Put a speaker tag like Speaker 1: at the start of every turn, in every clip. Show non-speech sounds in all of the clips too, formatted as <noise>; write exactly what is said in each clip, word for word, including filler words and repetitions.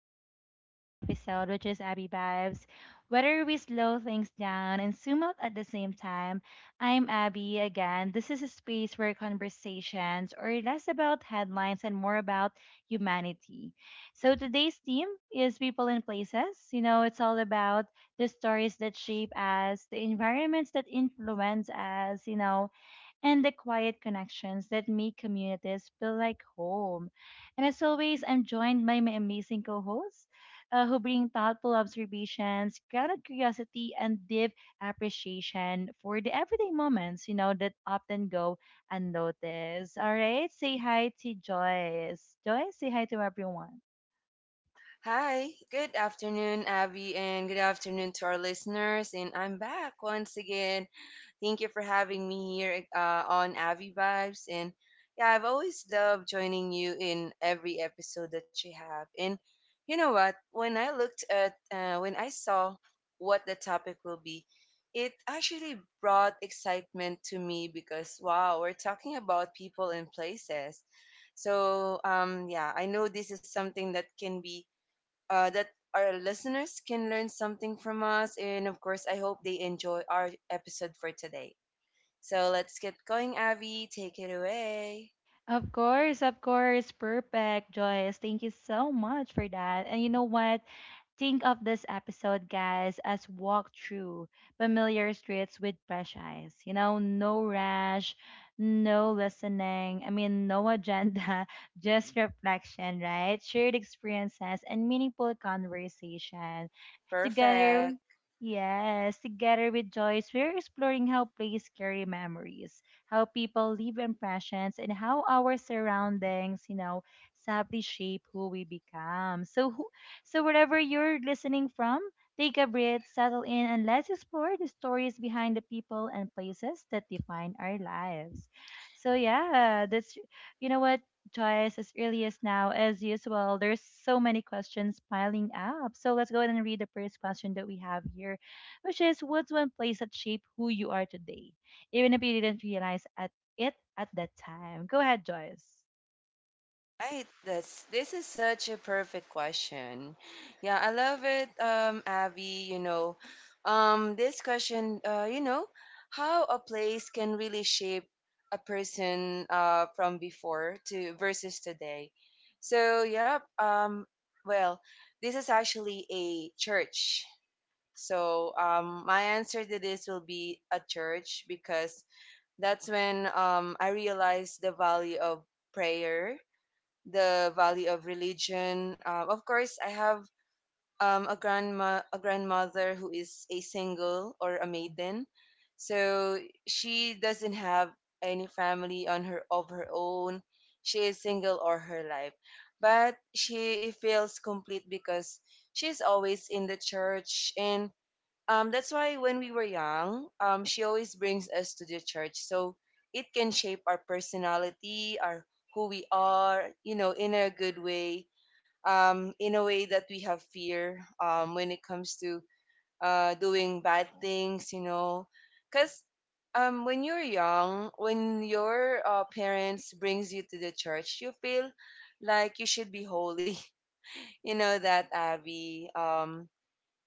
Speaker 1: Abby's episode, which is Abby Vibes. Whether we slow things down and zoom out at the same time, I'm Abby again. This is a space where conversations are less about headlines and more about humanity. So today's theme is people and places. You know, it's all about the stories that shape us, the environments that influence us, you know, and the quiet connections that make communities feel like home. And as always, I'm joined by my amazing co hosts uh, who bring thoughtful observations, grounded curiosity, and deep appreciation for the everyday moments, you know, that often go unnoticed. All right, say hi to Joyce. Joyce, say hi to everyone.
Speaker 2: Hi, good afternoon, Abby, and good afternoon to our listeners. And I'm back once again. Thank you for having me here uh, on Abby Vibes. And yeah, I've always loved joining you in every episode that you have. And you know what? When I looked at, uh, when I saw what the topic will be, it actually brought excitement to me because wow, we're talking about people and places. So um, yeah, I know this is something that can be uh, that our listeners can learn something from us. And of course, I hope they enjoy our episode for today. So let's get going, Avi. Take it away.
Speaker 1: Of course, of course. Perfect, Joyce. Thank you so much for that. And you know what? Think of this episode, guys, as walk through familiar streets with fresh eyes. You know, no rush, no listening. I mean, no agenda, <laughs> just reflection, right? Shared experiences and meaningful conversation. Together,
Speaker 2: Perfect.
Speaker 1: yes, together with Joyce, we're exploring how plays carry memories, how people leave impressions, and how our surroundings, you know, sadly shape who we become. So, who, so wherever you're listening from, take a breath, settle in, and let's explore the stories behind the people and places that define our lives. So, yeah, that's you know what twice as early as now, as usual. There's so many questions piling up. So let's go ahead and read the first question that we have here, which is what's one place that shaped who you are today? Even if you didn't realize at it at that time. Go ahead, Joyce.
Speaker 2: Right. That's This is such a perfect question. Yeah, I love it, um, Abby. You know, um, this question, uh, you know, how a place can really shape a person uh, from before to versus today. So, yep. Um, well, this is actually a church. So, um, my answer to this will be a church because that's when um, I realized the value of prayer, the value of religion. Um, of course, I have um, a grandma, a grandmother who is a single or a maiden, so she doesn't have any family on her of her own. She is single all her life, but she feels complete because she's always in the church, and um, that's why when we were young, um, she always brings us to the church so it can shape our personality, our who we are, you know, in a good way, um, in a way that we have fear um, when it comes to uh, doing bad things, you know, because um, when you're young, when your uh, parents brings you to the church, you feel like you should be holy, <laughs> you know that, Abby. Um,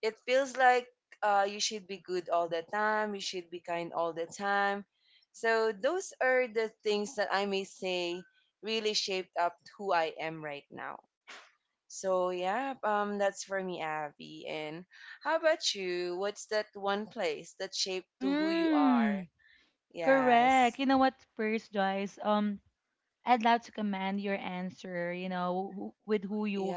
Speaker 2: It feels like uh, you should be good all the time, you should be kind all the time. So those are the things that I may say really shaped up who I am right now. So yeah, um, that's for me, Abby. And how about you? What's that one place that shaped to who you are?
Speaker 1: Mm,
Speaker 2: Yes,
Speaker 1: correct. You know what, first, Joyce? Um, I'd love to command your answer, you know, who, with who you,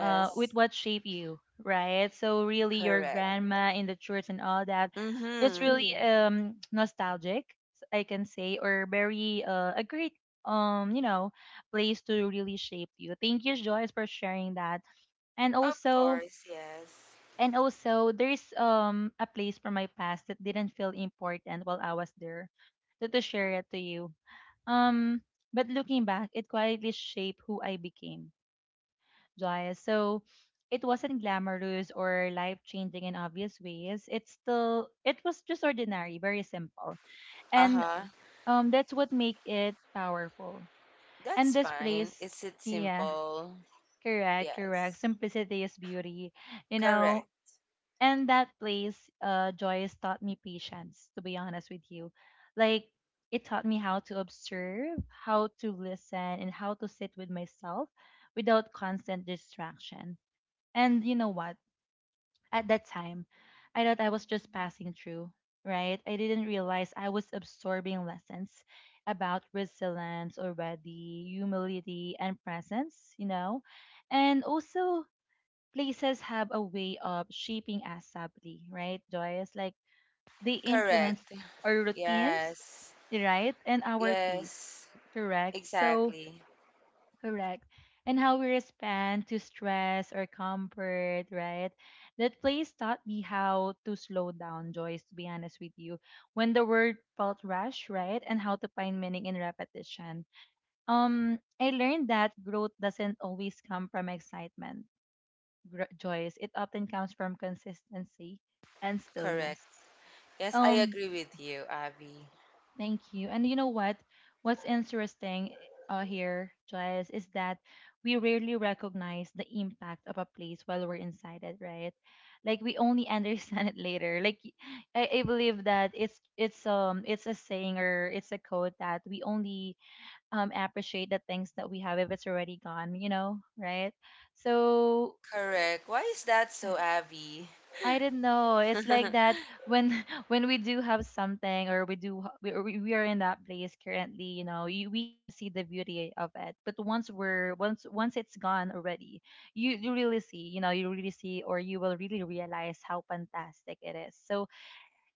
Speaker 1: uh, with what shaped you, right? So really, your
Speaker 2: correct.
Speaker 1: grandma in the church and all that, that's
Speaker 2: Mhm.
Speaker 1: really mm-hmm, um, nostalgic, s- I can say, or very uh, a great um you know place to really shape you. Thank you, Joyce, for sharing that. And
Speaker 2: Of
Speaker 1: also,
Speaker 2: course, yes.
Speaker 1: and also, there's um a place from my past that didn't feel important while I was there, so to share it to you um, but looking back, it quietly shaped who I became, Jaya. So it wasn't glamorous or life changing in obvious ways. It's still it was just ordinary, very simple.
Speaker 2: Uh
Speaker 1: And
Speaker 2: huh.
Speaker 1: um that's what make it powerful. And
Speaker 2: That's
Speaker 1: this
Speaker 2: fine.
Speaker 1: place,
Speaker 2: Is it
Speaker 1: yeah,
Speaker 2: simple?
Speaker 1: correct,
Speaker 2: Yes.
Speaker 1: correct. Simplicity is beauty. You
Speaker 2: Correct.
Speaker 1: know, and that place uh joyce taught me patience, to be honest with you. Like it taught me how to observe, how to listen, and how to sit with myself without constant distraction. And you know what, at that time I thought I was just passing through, right? I didn't realize I was absorbing lessons about resilience already, humility, and presence, you know. And also places have a way of shaping us sadly, right, Joyce? Like they influence
Speaker 2: Correct.
Speaker 1: our routines,
Speaker 2: Yes.
Speaker 1: right, and our pace,
Speaker 2: Yes.
Speaker 1: correct? So,
Speaker 2: Exactly.
Speaker 1: correct. And how we respond to stress or comfort, right? That place taught me how to slow down, Joyce, to be honest with you. When the word felt rush, right? And how to find meaning in repetition. Um, I learned that growth doesn't always come from excitement gr- joys, it often comes from consistency and
Speaker 2: Correct.
Speaker 1: stillness.
Speaker 2: Yes, I
Speaker 1: Um,
Speaker 2: agree with you, Abby.
Speaker 1: thank you. And you know what? What's interesting uh, here, Joyce, is that we rarely recognize the impact of a place while we're inside it, right? Like we only <laughs> understand it later. Like y- I, I believe that it's it's um it's a saying or it's a quote that we only um appreciate the things that we have if it's already gone, you know, right? So
Speaker 2: Correct. Why is that so, Abby?
Speaker 1: I don't know. It's like that when <laughs> when we do have something or we do h- we, we we are in that place currently, you know, you, we cannot see the beauty of it. But once we're once once it's gone already, you you really see, you know, you really see or you will really realize how fantastic it is. So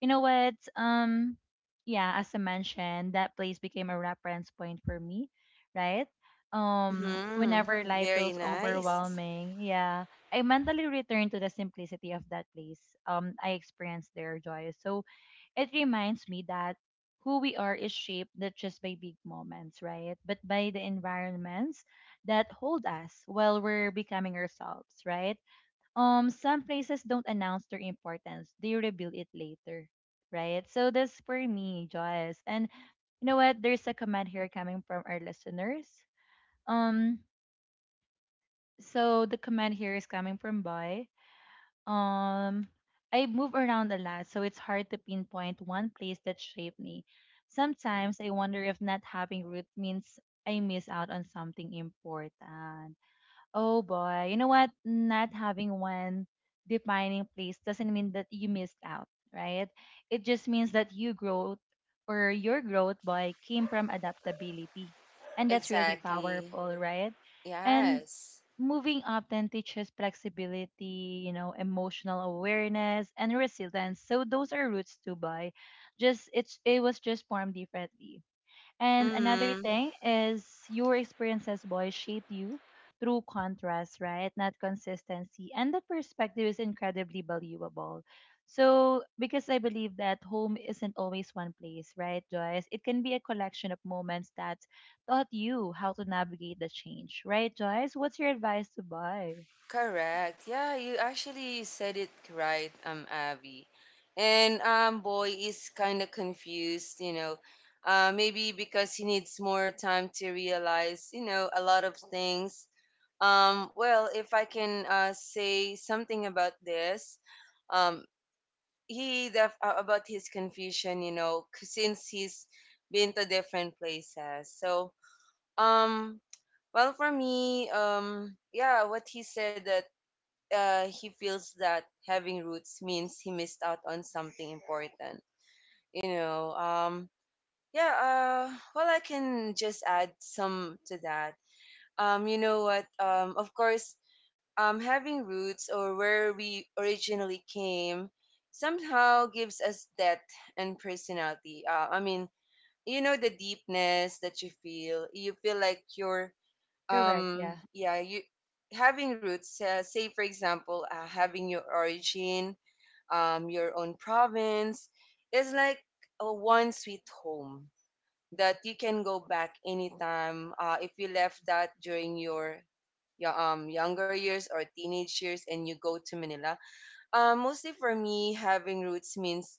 Speaker 1: you know what? Um, yeah, as I mentioned, that place became a reference point for me, right? Um,
Speaker 2: Hmm.
Speaker 1: whenever yeah, life
Speaker 2: Very
Speaker 1: feels
Speaker 2: nice.
Speaker 1: overwhelming, yeah, I mentally return to the simplicity of that place. Um, I experience their joy. So it reminds me that who we are is shaped not just by big moments, right? But by the environments that hold us while we're becoming ourselves, right? Um some places don't announce their importance, they reveal it later, right? So that's for me, Joyce. And you know what, there's a comment here coming from our listeners. um so the comment here is coming from boy. um I move around a lot, so it's hard to pinpoint one place that shaped me. Sometimes I wonder if not having root means I miss out on something important. Oh boy, you know what? Not having one defining place doesn't mean that you missed out, right? It just means that you growth or your growth boy came from adaptability. And that's really
Speaker 2: Exactly.
Speaker 1: powerful, right? And
Speaker 2: Yes.
Speaker 1: moving often teaches flexibility, you know, emotional awareness, and resilience. So those are roots to buy. Just it's it was just formed differently. And another
Speaker 2: Mm-hmm.
Speaker 1: thing is your experiences, boys, shape you through contrast, right? Not consistency. And that perspective is incredibly valuable. So, because I believe that home isn't always one place, right, Joyce? It can be a collection of moments that taught you how to navigate the change, right, Joyce? What's your advice to buy?
Speaker 2: Correct. Yeah, you actually said it right, um, Abby. And um, boy is kind of confused, you know, uh, maybe because he needs more time to realize, you know, a lot of things. Um, well, if I can uh, say something about this, um, he def- uh, about his confusion, you know, c- since he's been to different places. So, um, well, for me, um, yeah, what he said that uh, he feels that having roots means he missed out on something important. You know, um, yeah. Uh, well, I can just add some to that. Um, you know what? Um, of course, um, having roots or where we originally came somehow gives us depth and personality. Uh, I mean, you know the deepness that you feel. You feel like you're
Speaker 1: Correct, yeah.
Speaker 2: um yeah you having roots, uh, say for example, uh, having your origin, um your own province, is like a one sweet home that you can go back anytime uh, if you left that during your, your um younger years or teenage years and you go to Manila. Uh, mostly for me, having roots means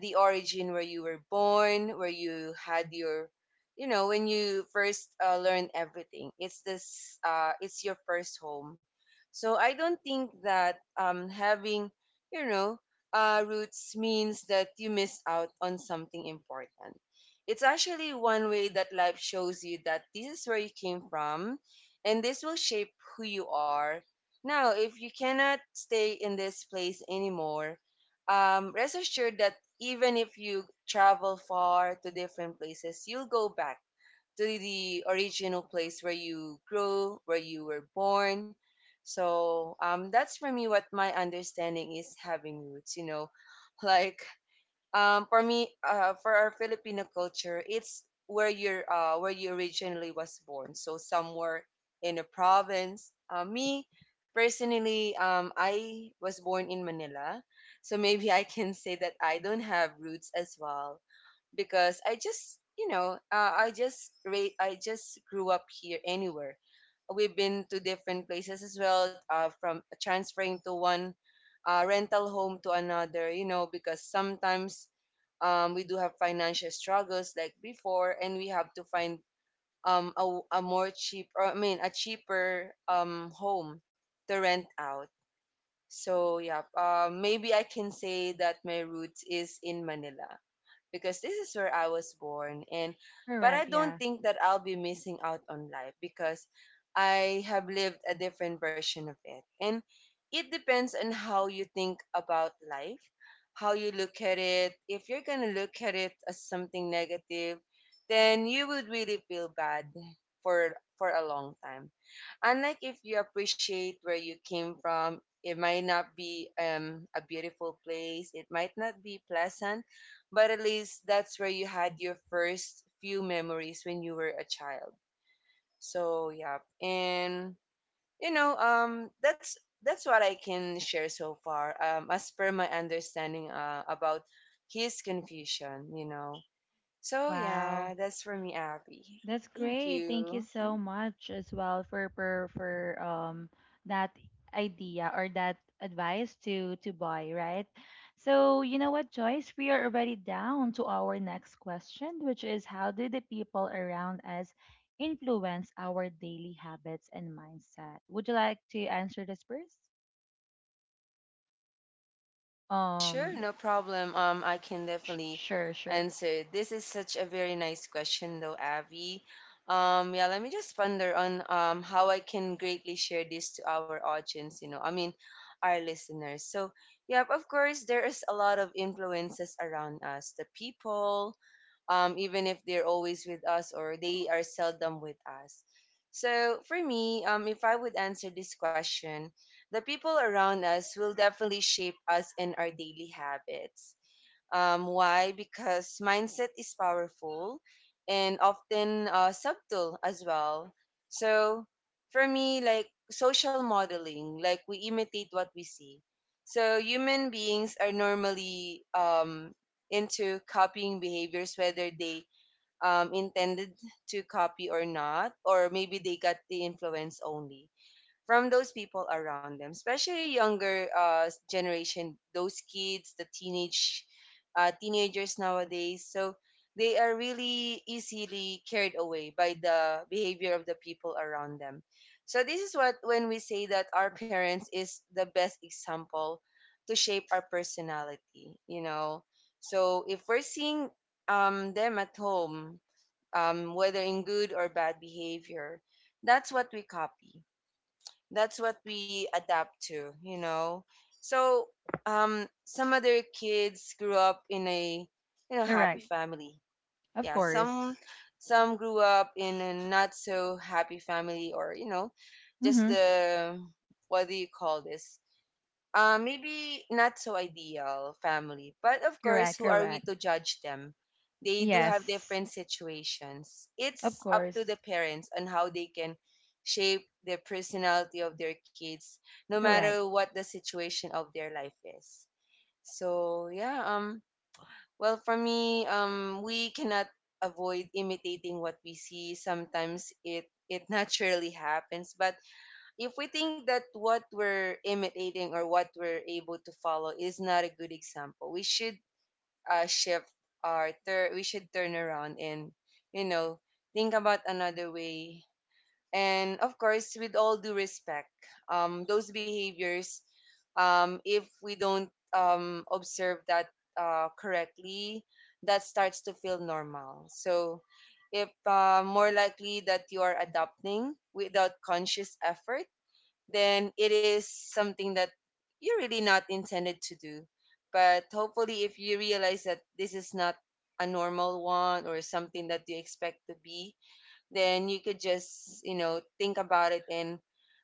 Speaker 2: the origin where you were born, where you had your, you know, when you first uh, learn everything. It's this, uh, it's your first home. So I don't think that um, having, you know, uh, roots means that you miss out on something important. It's actually one way that life shows you that this is where you came from, and this will shape who you are now. If you cannot stay in this place anymore, um, rest assured that even if you travel far to different places, you'll go back to the original place where you grew, where you were born. So um, that's for me what my understanding is, having roots, you know, <laughs> like um, for me, uh, for our Filipino culture, it's where you're uh, where you originally was born. So somewhere in a province. Uh, me personally, um, I was born in Manila, so maybe I can <laughs> say that I don't have roots as well because I just, you know, uh, I just ra- I just grew up here anywhere. We've been to different places as well, uh, from transferring to one uh, rental home to another, you know, because sometimes um, we do have financial struggles like before, and we have to find um, a, a more cheap, or I mean, a cheaper um, home to rent out. So yeah, uh, maybe I can say that my roots is in Manila because this is where I was born. And but
Speaker 1: Correct,
Speaker 2: I don't
Speaker 1: yeah.
Speaker 2: think that I'll be missing out on life because I have lived a different version of it. And it depends on how you think about life, how you look at it. If you're going to look at it as something negative, then you would really feel bad for for a long time. Unlike if you appreciate where you came from, it might not be um, a beautiful place, it might not be pleasant, but at least that's where you had your first few memories when you were a child. So yeah, and you know, um that's that's what I can share so far, um as per my understanding uh, about his confusion, you know. So
Speaker 1: Wow.
Speaker 2: yeah, that's for me, Abby.
Speaker 1: That's
Speaker 2: Thank
Speaker 1: great. Thank you
Speaker 2: you.
Speaker 1: so much as well for for, for um that idea or that advice to to buy, right? So, you know what, Joyce, we are already down to our next question, which is how do the people around us influence our daily habits and mindset? Would you like to answer this first?
Speaker 2: Sure,
Speaker 1: Um
Speaker 2: no problem. Um, I can
Speaker 1: sh-
Speaker 2: definitely
Speaker 1: sure, sure.
Speaker 2: answer. This is such a very nice question, though, Abby. Um, yeah, let me just ponder on um how I can greatly share this to our audience. You know, I mean, our listeners. So, yeah, of course, there is a lot of influences around us. The people, um, even if they're always with us or they are seldom with us. So for me, um, if I would answer this question, the people around us will definitely shape us in our daily habits. Um, why? Because mindset is powerful and often uh, subtle as well. So for me, like social modeling, like we imitate what we see. So human beings are normally um, into copying behaviors, whether they um, intended to copy or not, or maybe they got the influence only from those people around them, especially younger uh, generation, those kids, the teenage uh, teenagers nowadays. So they are really easily carried away by the behavior of the people around them. So this is what when we say that our parents is the best example to shape our personality, you know. So if we're seeing um, them at home, um, whether in good or bad behavior, that's what we copy that's what we adapt to, you know. So um, some other kids grew up in a, you know, happy
Speaker 1: Correct.
Speaker 2: family.
Speaker 1: Of
Speaker 2: Yeah,
Speaker 1: course.
Speaker 2: some some grew up in a not so happy family, or you know, just
Speaker 1: Mhm.
Speaker 2: the what do you call this? uh, maybe not so ideal family. But of course,
Speaker 1: Correct,
Speaker 2: who are we
Speaker 1: correct.
Speaker 2: to judge them? They do have
Speaker 1: Yes.
Speaker 2: different situations.
Speaker 1: Of
Speaker 2: It's up to the
Speaker 1: course.
Speaker 2: parents on how they can shape the personality of their kids, no matter
Speaker 1: Correct.
Speaker 2: what the situation of their life is. So yeah, um, well for me, um, we cannot avoid imitating what we see. Sometimes it it <laughs> naturally happens, but if we think that what we're imitating or what we're able to follow is not a good example, we should uh, shift our tur- we should turn around and, you know, think about another way. And of course, with all due respect, um, those behaviors, um, if we don't um, observe that uh, correctly, that starts to feel normal. So, if uh, more likely that you are adopting without conscious effort, then it is something that you're really not intended to do. But hopefully, if you realize that this is not a normal one or something that you expect to be, then you could just, you know, think about it and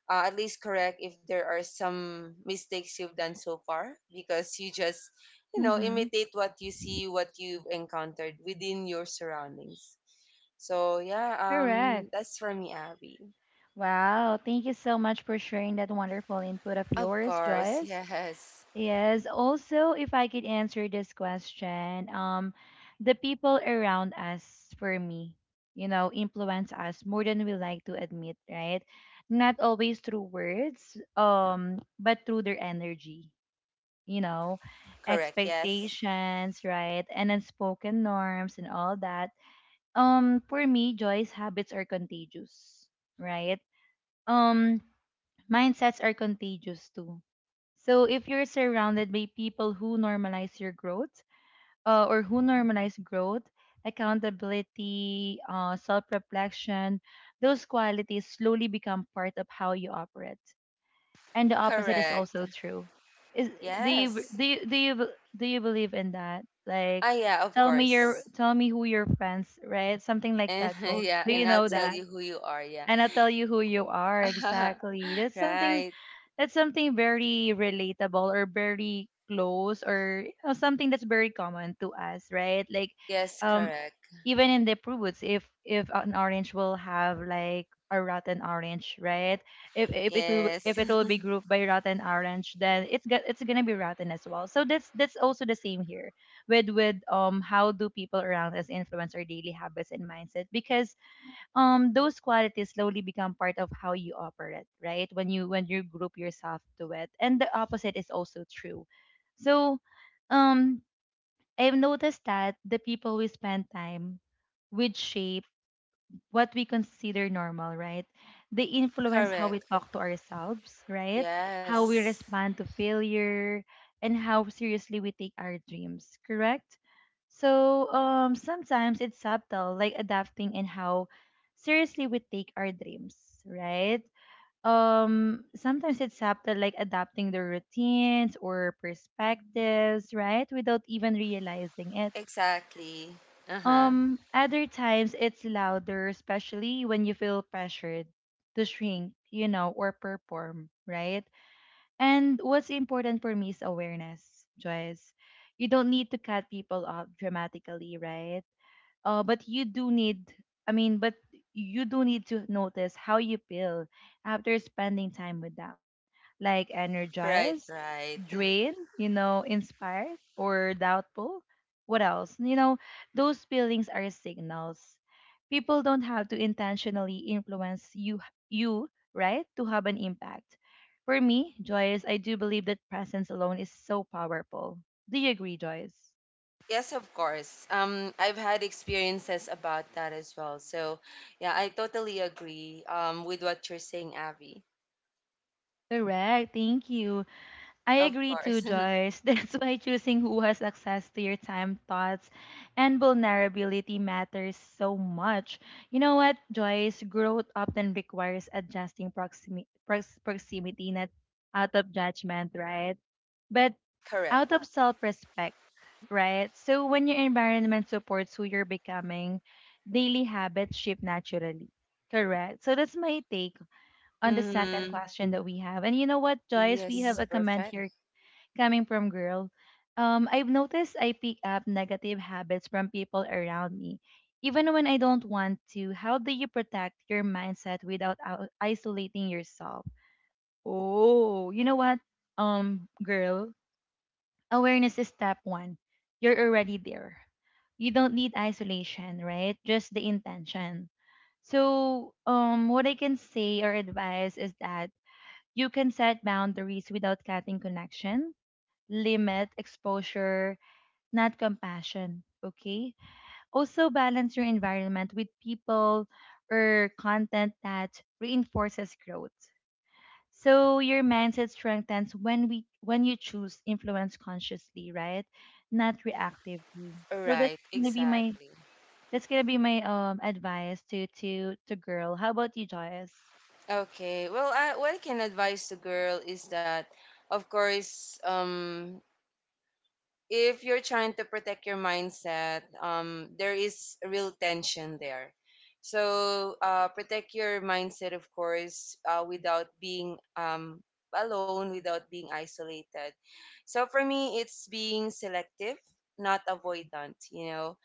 Speaker 2: uh, at least correct if there are some mistakes you've done so far, because you just, you know,
Speaker 1: Mm-hmm.
Speaker 2: imitate what you see, what you've encountered within your surroundings. So, yeah,
Speaker 1: Correct.
Speaker 2: um, that's for me, Abby.
Speaker 1: Wow. Thank you so much for sharing that wonderful input of
Speaker 2: Of
Speaker 1: yours,
Speaker 2: course,
Speaker 1: Joyce.
Speaker 2: yes.
Speaker 1: Yes. Also, if I could answer this question, um, the people around us, for me, you know, influence us more than we like to admit, right? Not always through words, um, but through their energy, you know,
Speaker 2: Correct. Yes.
Speaker 1: expectations, right? And unspoken norms and all that. Um, for me, joys, habits are contagious, right? Um, mindsets are contagious too. So if you're surrounded by people who normalize your growth, uh, or who normalize growth, accountability, uh, self-reflection, those qualities slowly become part of how you operate, and the opposite is
Speaker 2: Correct.
Speaker 1: also true. Is do you b-
Speaker 2: Yes.
Speaker 1: do you, do you b- do you believe in that? Like,
Speaker 2: Ah, yeah, of
Speaker 1: tell me your
Speaker 2: course.
Speaker 1: tell me who your friends, right? Something like
Speaker 2: And
Speaker 1: that.
Speaker 2: <laughs>
Speaker 1: Go.
Speaker 2: yeah,
Speaker 1: Do you
Speaker 2: and I'll
Speaker 1: know
Speaker 2: tell
Speaker 1: that?
Speaker 2: you who you are. Yeah.
Speaker 1: And I'll tell you who you are exactly.
Speaker 2: <laughs>
Speaker 1: That's something
Speaker 2: Right.
Speaker 1: that's something very relatable or very close or you know, something that's very common to us, right? Like,
Speaker 2: Yes,
Speaker 1: um,
Speaker 2: correct.
Speaker 1: even in the fruits, if if an orange will have like a rotten orange, right? If if it will if
Speaker 2: Yes.
Speaker 1: it will be
Speaker 2: <laughs>
Speaker 1: grouped by rotten orange, then it's got it's gonna be rotten as well. So that's that's also the same here with with um how do people around us influence our daily habits and mindset, because um those qualities slowly become part of how you operate, right? When you when you group yourself to it, and the opposite is also true. So um, I've noticed that the people we spend time with shape what we consider normal, right? They influence how we
Speaker 2: Correct.
Speaker 1: talk to ourselves, right? How we
Speaker 2: Yes.
Speaker 1: respond to failure, and how seriously we take our dreams, correct? So um, sometimes it's subtle, like adapting and how seriously we take our dreams, right? Um, sometimes it's subtle, like adapting the routines or perspectives, right? Without even realizing it
Speaker 2: Exactly. Uh-huh.
Speaker 1: um, other times it's louder, especially when you feel pressured to shrink, you know, or perform, right? And what's important for me is awareness, Joyce. You don't need to cut people off dramatically, right? uh, but you do need i mean but you do need to notice how you feel after spending time with them, like
Speaker 2: Right,
Speaker 1: energized,
Speaker 2: right.
Speaker 1: drained, you know, inspired or doubtful, what else, you know. Those feelings are signals. People don't have to intentionally influence you you right to have an impact. For me, Joyce, I do believe that presence alone is so powerful. Do you agree, Joyce?
Speaker 2: Yes, of course. Um, I've had experiences about that as well. So, yeah, I totally agree um with what you're saying, Abby.
Speaker 1: Correct. Thank you. I
Speaker 2: Of
Speaker 1: agree
Speaker 2: course.
Speaker 1: too,
Speaker 2: <laughs>
Speaker 1: Joyce. <laughs> That's why choosing who has access to your time, thoughts, and vulnerability matters so much. You know what, Joyce? Growth often requires adjusting proximi- prox- proximity, not out of judgment, right? But
Speaker 2: Correct.
Speaker 1: out of self respect, right? So when your environment supports who you're becoming, daily habits shift naturally. Correct. So that's my take on the second
Speaker 2: Mm-hmm.
Speaker 1: question that we have. And you know what, Joyce? We
Speaker 2: Yes,
Speaker 1: have a comment
Speaker 2: perfect.
Speaker 1: here coming from girl. um, I've noticed I pick up negative habits from people around me, even when I don't want to. How do you protect your mindset without out- isolating yourself? Oh, you know what, um, girl, awareness is step one. You're already there. You don't need isolation, right? Just the intention. So, um, what I can say or advise is that you can set boundaries without cutting connection, limit exposure, not compassion. Okay. Also, balance your environment with people or content that reinforces growth. So your mindset strengthens when we when you choose influence consciously, right? Not reactively. So that's
Speaker 2: Right,
Speaker 1: gonna be my
Speaker 2: exactly.
Speaker 1: that's gonna be my um advice to to to girl. How about you, Joyce?
Speaker 2: Okay. Well, I, what I can advise the girl is that, of course, um, if you're trying to protect your mindset, um, there is a real tension there. So, uh, protect your mindset, of course, uh, without being um, alone, without being isolated. So, for me, it's being selective, not avoidant, you know.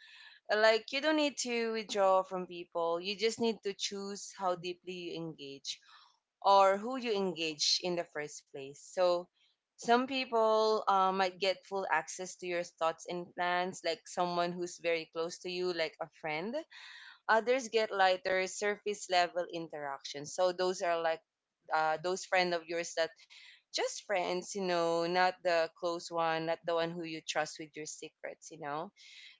Speaker 2: Like you don't need to withdraw from people, you just need to choose how deeply you engage or who you engage in the first place. So some people uh, might get full access to your thoughts and plans, like someone who's very close to you, like a friend. Others get lighter surface level interactions, so those are like uh, those friend of yours that just friends, you know, not the close one, not the one who you trust with your secrets, you know.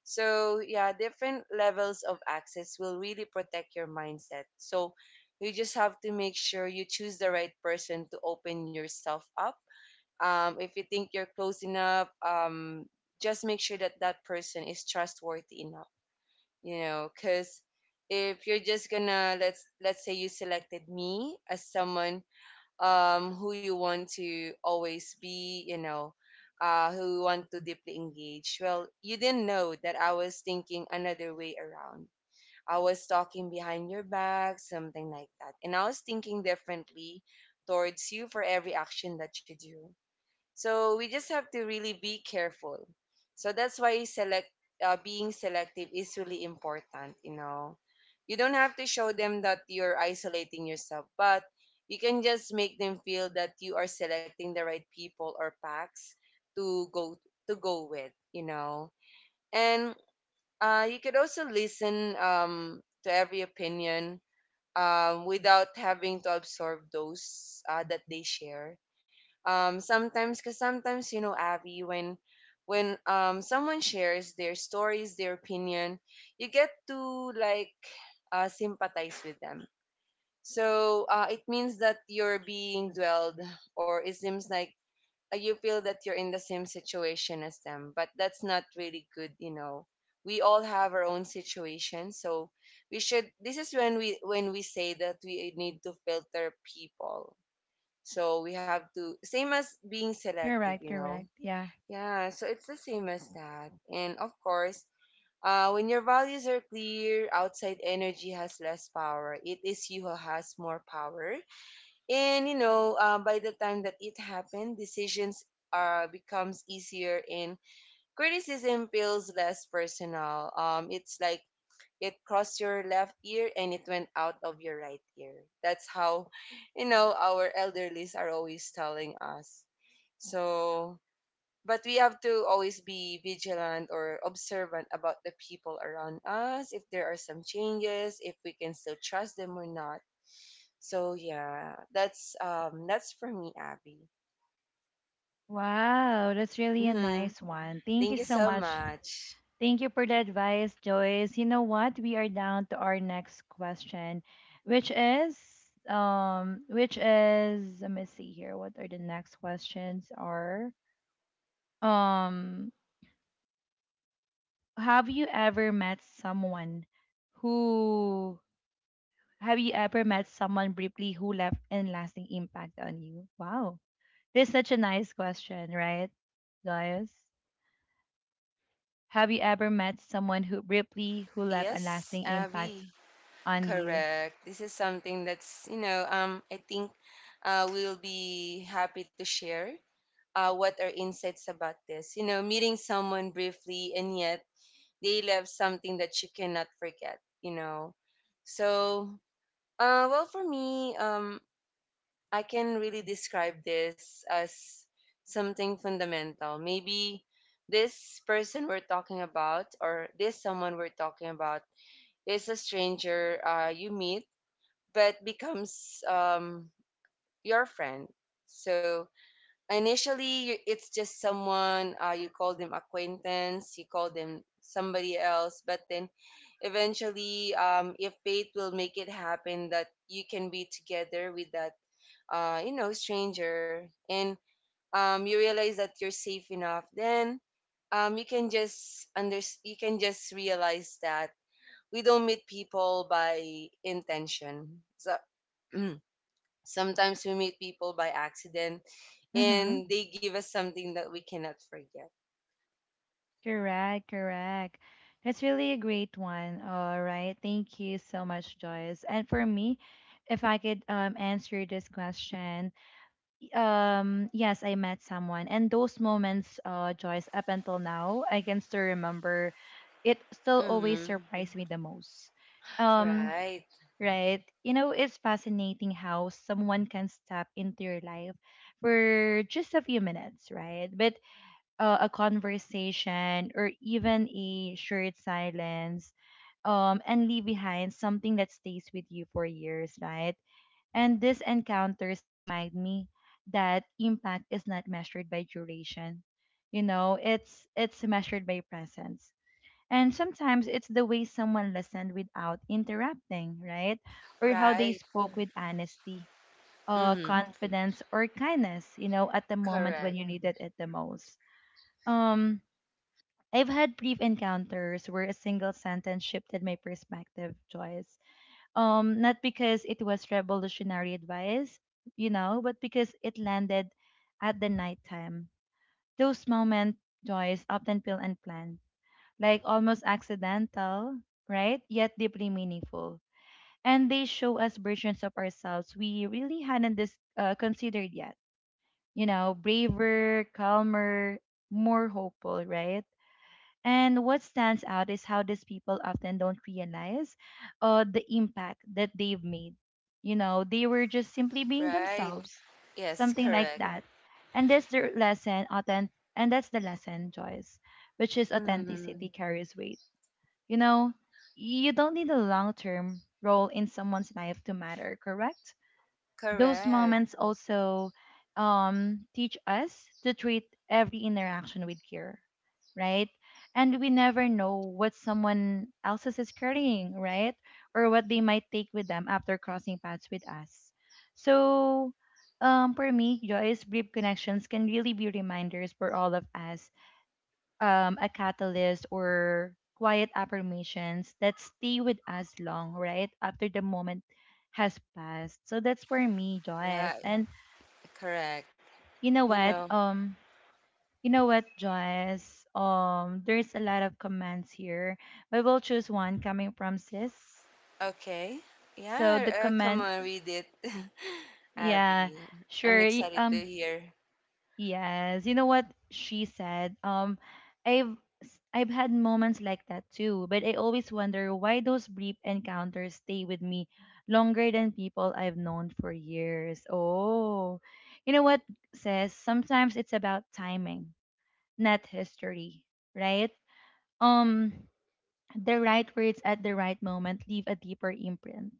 Speaker 2: So, yeah, different levels of access will really protect your mindset. So, you just have to make sure you choose the right person to open yourself up. Um, if you think you're close enough, um, just make sure that that person is trustworthy enough, you know, because if you're just gonna let's let's say you selected me as someone um, who you want to always be, you know, uh, who you want to deeply engage. Well, you didn't know that I was thinking another way around. I was talking behind your back, something like that. And I was thinking differently towards you for every action that you do. So we just have to really be careful. So that's why select uh, being selective is really important, you know. You don't have to show them that you're isolating yourself, but you can just make them feel that you are selecting the right people or packs to go to go with, you know. And uh, you could also listen um, to every opinion um, without having to absorb those uh, that they share, um sometimes, because sometimes, you know, Abby, when when um someone shares their stories, their opinion, you get to like uh, sympathize with them. So uh, it means that you're being dwelled, or it seems like uh, you feel that you're in the same situation as them, but that's not really good, you know. We all have our own situation. So we should, this is when we when we say that we need to filter people. So we have to, same as being selective,
Speaker 1: Correct,
Speaker 2: you know.
Speaker 1: correct. Yeah.
Speaker 2: Yeah, so it's the same as that. And of course, uh, when your values are clear, outside energy has less power. It is you who has more power. And you know, uh, by the time that it happened, decisions uh, becomes easier and criticism feels less personal. Um, it's like it crossed your left ear and it went out of your right ear. That's how, you know, our elderlies are always telling us. So, but we have to always be vigilant or observant about the people around us, if there are some changes, if we can still trust them or not. So yeah, that's um that's for me, Abby.
Speaker 1: Wow, that's really a
Speaker 2: Hmm.
Speaker 1: nice one. Thank you
Speaker 2: Thank you
Speaker 1: so
Speaker 2: so
Speaker 1: much.
Speaker 2: much.
Speaker 1: Thank you for the advice, Joyce. You know what? We are down to our next question, which is um which is let me see here. What are the next questions are? Um have you ever met someone who have you ever met someone briefly who left an lasting impact on you? Wow. This is such a nice question, right, Joyce? Have you ever met someone who briefly who left a
Speaker 2: Yes,
Speaker 1: lasting impact
Speaker 2: Abby.
Speaker 1: on you?
Speaker 2: Correct. This is something that's, you know, um, I think uh, we'll be happy to share uh, what are insights about this. You know, meeting someone briefly and yet they left something that you cannot forget, you know. So, uh, well, for me, um, I can really describe this as something fundamental. Maybe this person we're talking about, or this someone we're talking about, is a stranger uh, you meet but becomes um, your friend. So initially, you- it's just someone uh, you call them acquaintance, you call them somebody else, but then eventually, um, if fate will make it happen that you can be together with that, uh, you know, stranger, and um, you realize that you're safe enough, then um, you can just under you can just realize that we don't meet people by intention. So <clears throat> sometimes we meet people by accident
Speaker 1: Mm-hmm.
Speaker 2: and they give us something that we cannot forget.
Speaker 1: Correct, correct. That's really a great one. All right. Thank you so much, Joyce. And for me, if I could um, answer this question, um, yes, I met someone. And those moments, uh, Joyce, up until now, I can still remember it still always
Speaker 2: Mm-hmm.
Speaker 1: surprised me the most. Um,
Speaker 2: Right,
Speaker 1: right. You know, it's fascinating how someone can step into your life for just a few minutes, right? But uh, a conversation or even a shared silence, um, and leave behind something that stays with you for years, right? And these encounters remind me that impact is not measured by duration. You know, it's it's measured by presence. And sometimes it's the way someone listened without interrupting, right? Or how they
Speaker 2: right.
Speaker 1: spoke with honesty, uh,
Speaker 2: Mm-hmm.
Speaker 1: confidence, or kindness, you know, at the moment when
Speaker 2: Correct,
Speaker 1: you needed it the most. Um, I've had brief encounters where a single sentence shifted my perspective, Joyce. Um, not because it was revolutionary advice, you know, but because it landed at the nighttime. Those moments, Joyce, often feel unplanned, like almost accidental, right? Yet deeply meaningful. And they show us versions of ourselves we really hadn't dis- uh, considered yet. You know, braver, calmer, more hopeful, right? And what stands out is how these people often don't realize uh, the impact that they've made. You know, they were just simply being
Speaker 2: right.
Speaker 1: themselves,
Speaker 2: Yes,
Speaker 1: something like
Speaker 2: correct.
Speaker 1: that. And that's the lesson, authentic, and that's the lesson, Joyce, which is authenticity
Speaker 2: Mm,
Speaker 1: carries weight. You know, you don't need a long term role in someone's life to matter, correct? Those
Speaker 2: correct,
Speaker 1: moments also um, teach us to treat every interaction with care, right? And we never know what someone else's is carrying, right? Or what they might take with them after crossing paths with us. So, um, for me, Joyce, brief connections can really be reminders for all of us, um, a catalyst or quiet affirmations that stay with us long, right? After the moment has passed. So that's for me, Joyce.
Speaker 2: right,
Speaker 1: And
Speaker 2: correct.
Speaker 1: you know
Speaker 2: You
Speaker 1: what?
Speaker 2: know,
Speaker 1: Um, you know what, Joyce? Um, there's a lot of comments here, but we'll choose one coming from sis.
Speaker 2: okay.
Speaker 1: So
Speaker 2: Yeah,
Speaker 1: the
Speaker 2: uh, come
Speaker 1: comment,
Speaker 2: on, read it, <laughs>
Speaker 1: yeah,
Speaker 2: Abby. I'm
Speaker 1: sure. y-
Speaker 2: excited to
Speaker 1: Um,
Speaker 2: hear.
Speaker 1: yes, you know what she said. Um, I've s- I've had moments like that too, but I always wonder why those brief encounters stay with me longer than people I've known for years. Oh, you know what says, sometimes it's about timing, not history, right? Um, the right words at the right moment leave a deeper imprint,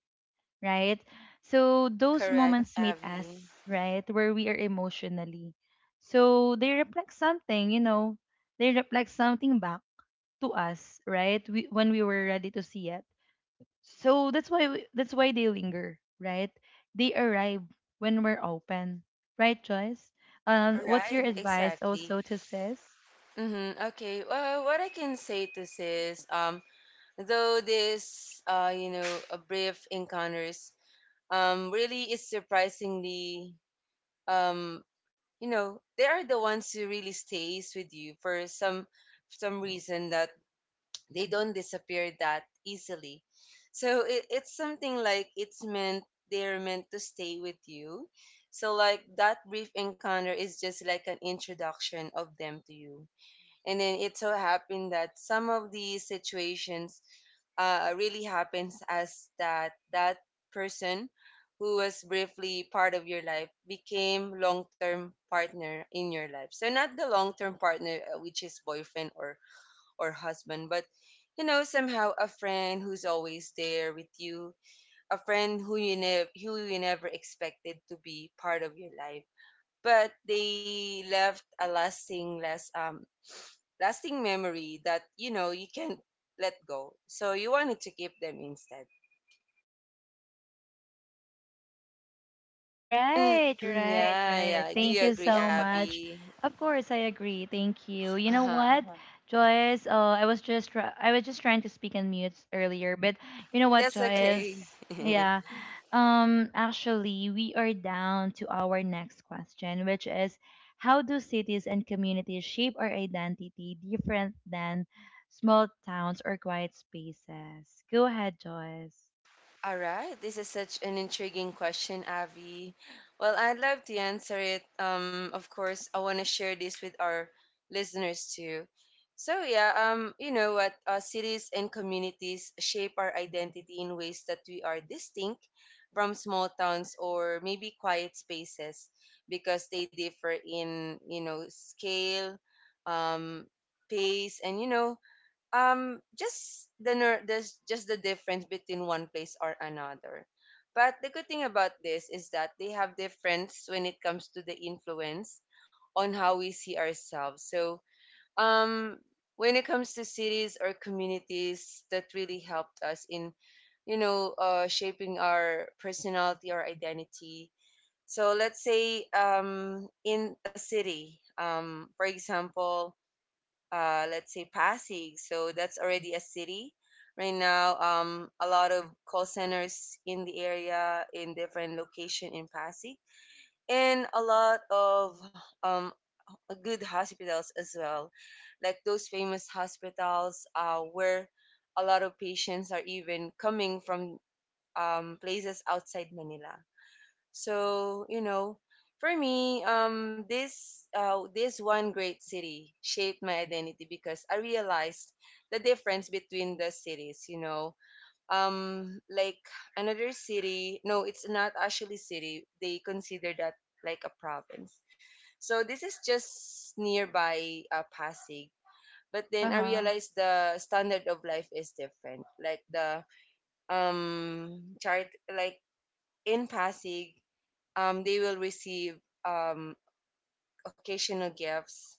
Speaker 1: right? So those
Speaker 2: Correct,
Speaker 1: moments meet
Speaker 2: Abby.
Speaker 1: us, right, where we are emotionally. So they reflect something, you know, they reflect something back to us, right? We, when we were ready to see it. So that's why we, that's why they linger, right? They arrive when we're open, right, Joyce? Um, what's
Speaker 2: Right,
Speaker 1: your advice
Speaker 2: exactly.
Speaker 1: also to sis?
Speaker 2: Mm-hmm. Okay. Well, what I can say to this is, um, though this, uh, you know, a brief encounters um, really is surprisingly, um, you know, they are the ones who really stays with you for some some reason, that they don't disappear that easily. So it, it's something like it's meant, they're meant to stay with you. So like that brief encounter is just like an introduction of them to you. And then it so happened that some of these situations uh, really happens, as that that person who was briefly part of your life became long-term partner in your life. So not the long-term partner uh, which is boyfriend or or husband, but you know, somehow a friend who's always there with you, a friend who you never, who you never expected to be part of your life, but they left a lasting less um lasting memory that, you know, you can't let go, so you wanted to keep them instead. Mm,
Speaker 1: Right,
Speaker 2: mm,
Speaker 1: right,
Speaker 2: yeah, yeah.
Speaker 1: right.
Speaker 2: I do
Speaker 1: Thank
Speaker 2: you
Speaker 1: you
Speaker 2: agree,
Speaker 1: so much.
Speaker 2: Abby?
Speaker 1: Of course, I agree. Thank you. You know
Speaker 2: Uh-huh.
Speaker 1: what? Uh-huh. Joyce? Uh, I was just try- I was just trying to speak on mute earlier, but you know what,
Speaker 2: That's
Speaker 1: Joyce?
Speaker 2: okay. <laughs>
Speaker 1: Yeah. Um. Actually, we are down to our next question, which is, how do cities and communities shape our identity different than small towns or quiet spaces? Go ahead, Joyce.
Speaker 2: All right, this is such an intriguing question, Avi. Well, I'd love to answer it. Um, of course, I want to share this with our listeners too. So yeah, um, you know what? Uh, cities and communities shape our identity in ways that we are distinct from small towns or maybe quiet spaces, because they differ in, you know, scale, um, pace, and you know, um just the ner- there's just the difference between one place or another. But the good thing about this is that they have difference when it comes to the influence on how we see ourselves. So um when it comes to cities or communities that really helped us in, you know, uh, shaping our personality or identity, so let's say um in a city, um for example, uh, let's say Pasig. So that's already a city. Right now, um, a lot of call centers in the area, in different location in Pasig, and a lot of um, good hospitals as well, like those famous hospitals uh, where a lot of patients are even coming from um, places outside Manila. So you know, for me, um, this uh, this one great city shaped my identity because I realized the difference between the cities. You know, um, like another city. No, it's not actually city. They consider that like a province. So this is just nearby uh, Pasig. But
Speaker 1: Uh
Speaker 2: then I
Speaker 1: huh.
Speaker 2: realized the standard of life is different. Like the um chart, like in Pasig, um, they will receive um, occasional gifts.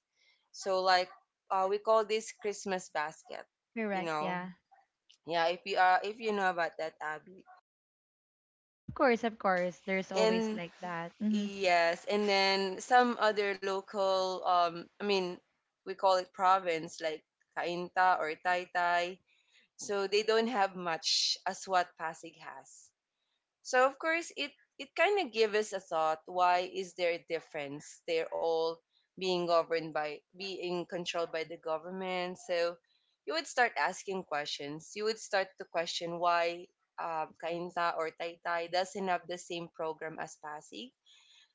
Speaker 2: So like uh, we call this Christmas basket, you
Speaker 1: Correct.
Speaker 2: know.
Speaker 1: Yeah.
Speaker 2: Yeah, if you are, if you know about that, Abby.
Speaker 1: Of course, of course. There's always
Speaker 2: And
Speaker 1: like that. Mm-hmm.
Speaker 2: yes, and then some other local, um I mean, we call it province, like Kainta or Taytay. So they don't have much as what Pasig has. So of course it, it kind of gives us a thought, why is there a difference? They're all being governed by, being controlled by the government. So you would start asking questions. You would start to question why um, Kainta or Taytay doesn't have the same program as Pasig.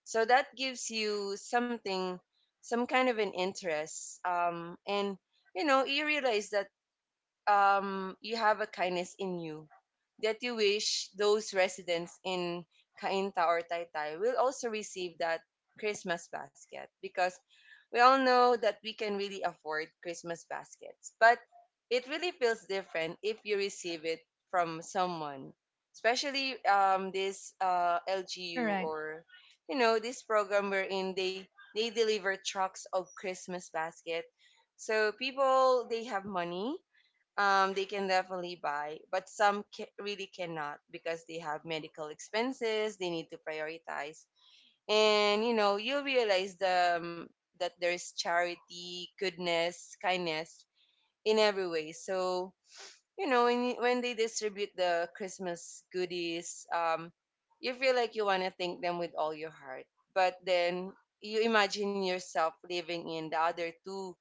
Speaker 2: So that gives you something, some kind of an interest. Um, and you know, you realize that um, you have a kindness in you that you wish those residents in Kainta or Taytay will also receive that Christmas basket, because we all know that we can really afford Christmas baskets, but it really feels different if you receive it from someone, especially um, this uh, L G U
Speaker 1: Correct.
Speaker 2: or you know this program wherein they they deliver trucks of Christmas basket. So people, they have money, um, they can definitely buy, but some ca- really cannot because they have medical expenses. They need to prioritize, and you know you realize the um, that there's charity, goodness, kindness in every way. So you know when when they distribute the Christmas goodies, um you feel like you want to thank them with all your heart, but then you imagine yourself living in the other two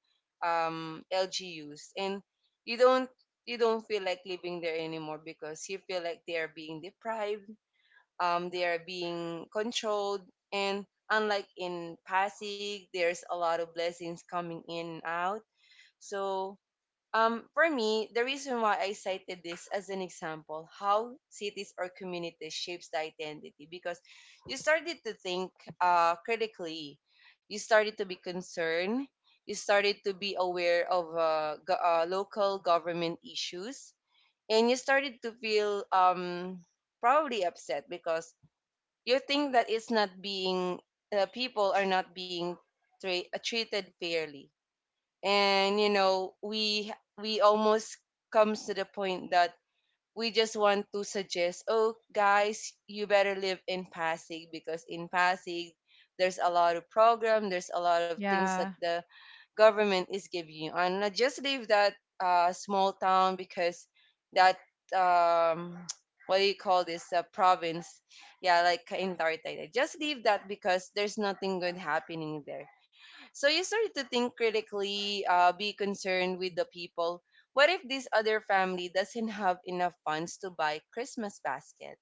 Speaker 2: um LGUs, and you don't you don't feel like living there anymore because you feel like they are being deprived, um they are being controlled. And unlike in Pasig, there's a lot of blessings coming in and out. So um, for me, the reason why I cited this as an example, how cities or communities shapes the identity, because you started to think uh, critically, you started to be concerned, you started to be aware of uh, go- uh, local government issues, and you started to feel um, probably upset because you think that it's not being uh, people are not being tra- uh, treated fairly. And you know we we almost comes to the point that we just want to suggest, oh guys, you better live in Pasig because in Pasig, there's a lot of program, there's a lot of things that
Speaker 1: Yeah.
Speaker 2: the government is giving you. And I just leave that uh, small town because that um <tsk> what do you call this, uh, province, yeah, like in Taytay. Just leave that because there's nothing good happening there. So you start to think critically, uh, be concerned with the people. What if this other family doesn't have enough funds to buy Christmas basket?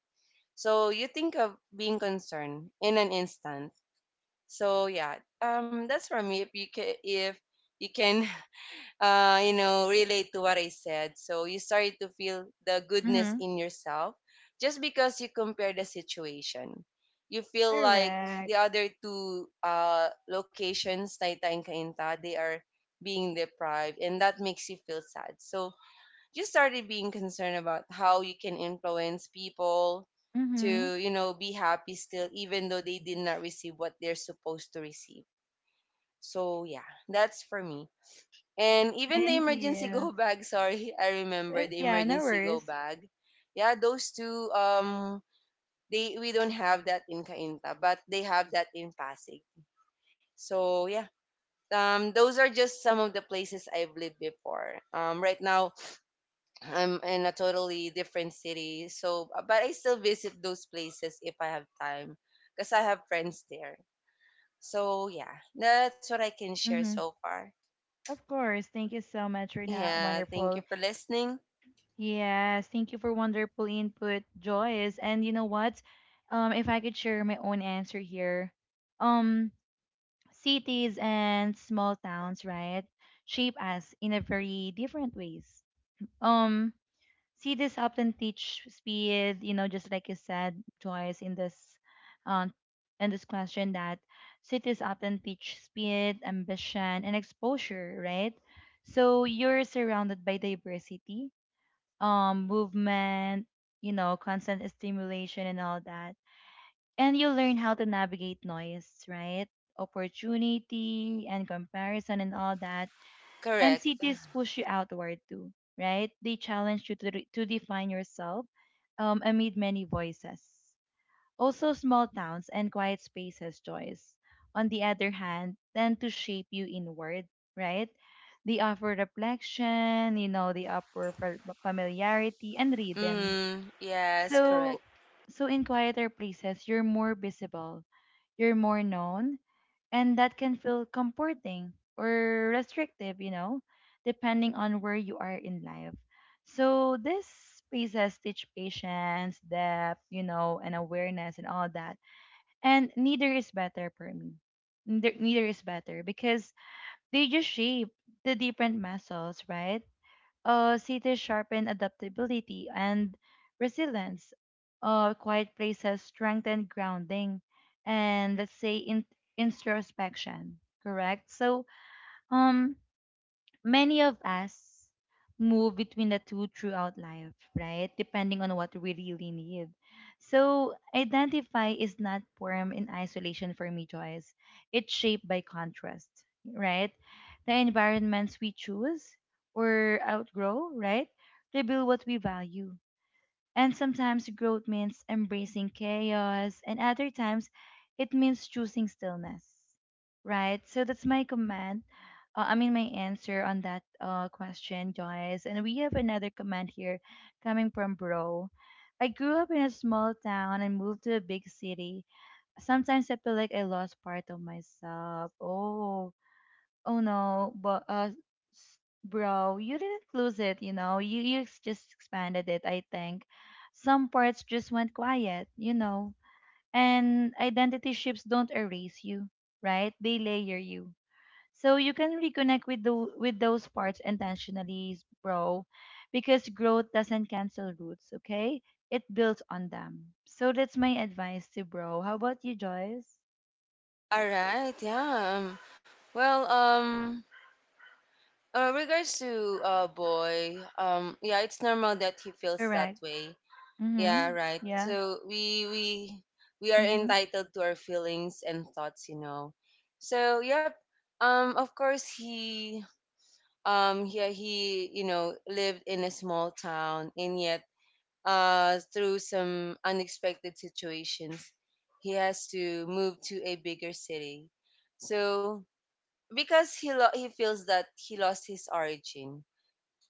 Speaker 2: So you think of being concerned in an instant. So yeah, um, that's for me. If you can, if you can uh, you know, relate to what I said. So you started to feel the goodness
Speaker 1: Mm-hmm.
Speaker 2: in yourself just because you compare the situation. You feel like
Speaker 1: Correct.
Speaker 2: the other two uh, locations, Taita and Cainta, they are being deprived, and that makes you feel sad. So you started being concerned about how you can influence people
Speaker 1: Mm-hmm.
Speaker 2: to, you know, be happy still, even though they did not receive what they're supposed to receive. So yeah, that's for me. And even the
Speaker 1: Thank
Speaker 2: emergency <laughs>
Speaker 1: you.
Speaker 2: go bag, sorry, I
Speaker 1: Uh,
Speaker 2: remember the
Speaker 1: yeah, no
Speaker 2: emergency go
Speaker 1: worries.
Speaker 2: bag. Yeah, those two um they, we don't have that in Cainta, but they have that in Pasig. So yeah. Um those are just some of the places I've lived before. Um right now I'm in a totally different city. So but I still visit those places if I have time because I have friends there. So yeah, that's what I can share
Speaker 1: Mm-hmm.
Speaker 2: so far.
Speaker 1: Of course. Thank you so much for that
Speaker 2: Yeah, thank you
Speaker 1: wonderful.
Speaker 2: for listening.
Speaker 1: Yes, thank you for wonderful input, Joyce. And you know what? Um, if I could share my own answer here, um, cities and small towns, right, shape us in a very different ways. Um, See, this often teach speed, you know, just like you said, Joyce, in this um in this question that cities often teach speed, ambition, and exposure, right? So you're surrounded by diversity, um, movement, you know, constant stimulation and all that. And you learn how to navigate noise, right? Opportunity and comparison and all that. And
Speaker 2: Correct.
Speaker 1: cities push you outward too, right? They challenge you to, re- to define yourself, um, amid many voices. Also, small towns and quiet spaces, Joyce, on the other hand, tend to shape you inward, right? They offer reflection, you know, they offer fa- familiarity and rhythm.
Speaker 2: Mm, yes,
Speaker 1: So,
Speaker 2: correct.
Speaker 1: so in quieter places you're more visible, you're more known, and that can feel comforting or restrictive, you know, depending on where you are in life. So these spaces teach patience, depth, you know, and awareness and all that. And neither is better for me. Neither, neither is better because they just shape the different muscles, right? Uh, cities sharpen adaptability and resilience. Uh, quiet places strengthen grounding and let's say in- introspection. Correct. So, um, many of us move between the two throughout life, right? Depending on what we really need. So, identify is not formed in isolation for me, Joyce. It's shaped by contrast, right? The environments we choose or outgrow, right? Reveal what we value, and sometimes growth means embracing chaos, and other times it means choosing stillness, right? So that's my comment. Uh, I mean, my answer on that uh, question, Joyce. And we have another comment here coming from Bro. I grew up in a small town and moved to a big city. Sometimes I feel like I lost part of myself. Oh, oh no, but uh, s- bro, you didn't lose it, you know. You you ex- just expanded it, I think. Some parts just went quiet, you know. And identity shifts don't erase you, right? They layer you. So you can reconnect with the with those parts intentionally, bro, because growth doesn't cancel roots, okay? It builds on them. So that's my advice to bro. How about you, Joyce?
Speaker 2: All right, yeah. Um, well, um, uh, regards to uh boy, um, yeah, it's normal that he feels that
Speaker 1: Correct.
Speaker 2: way. Yeah,
Speaker 1: Mhm.
Speaker 2: right.
Speaker 1: Yeah.
Speaker 2: So we we we are
Speaker 1: Mhm.
Speaker 2: entitled to our feelings and thoughts, you know. So yep. Um, of course, he um yeah, he, you know, lived in a small town, and yet uh, through some unexpected situations, he has to move to a bigger city. So because he lo- he feels that he lost his origin,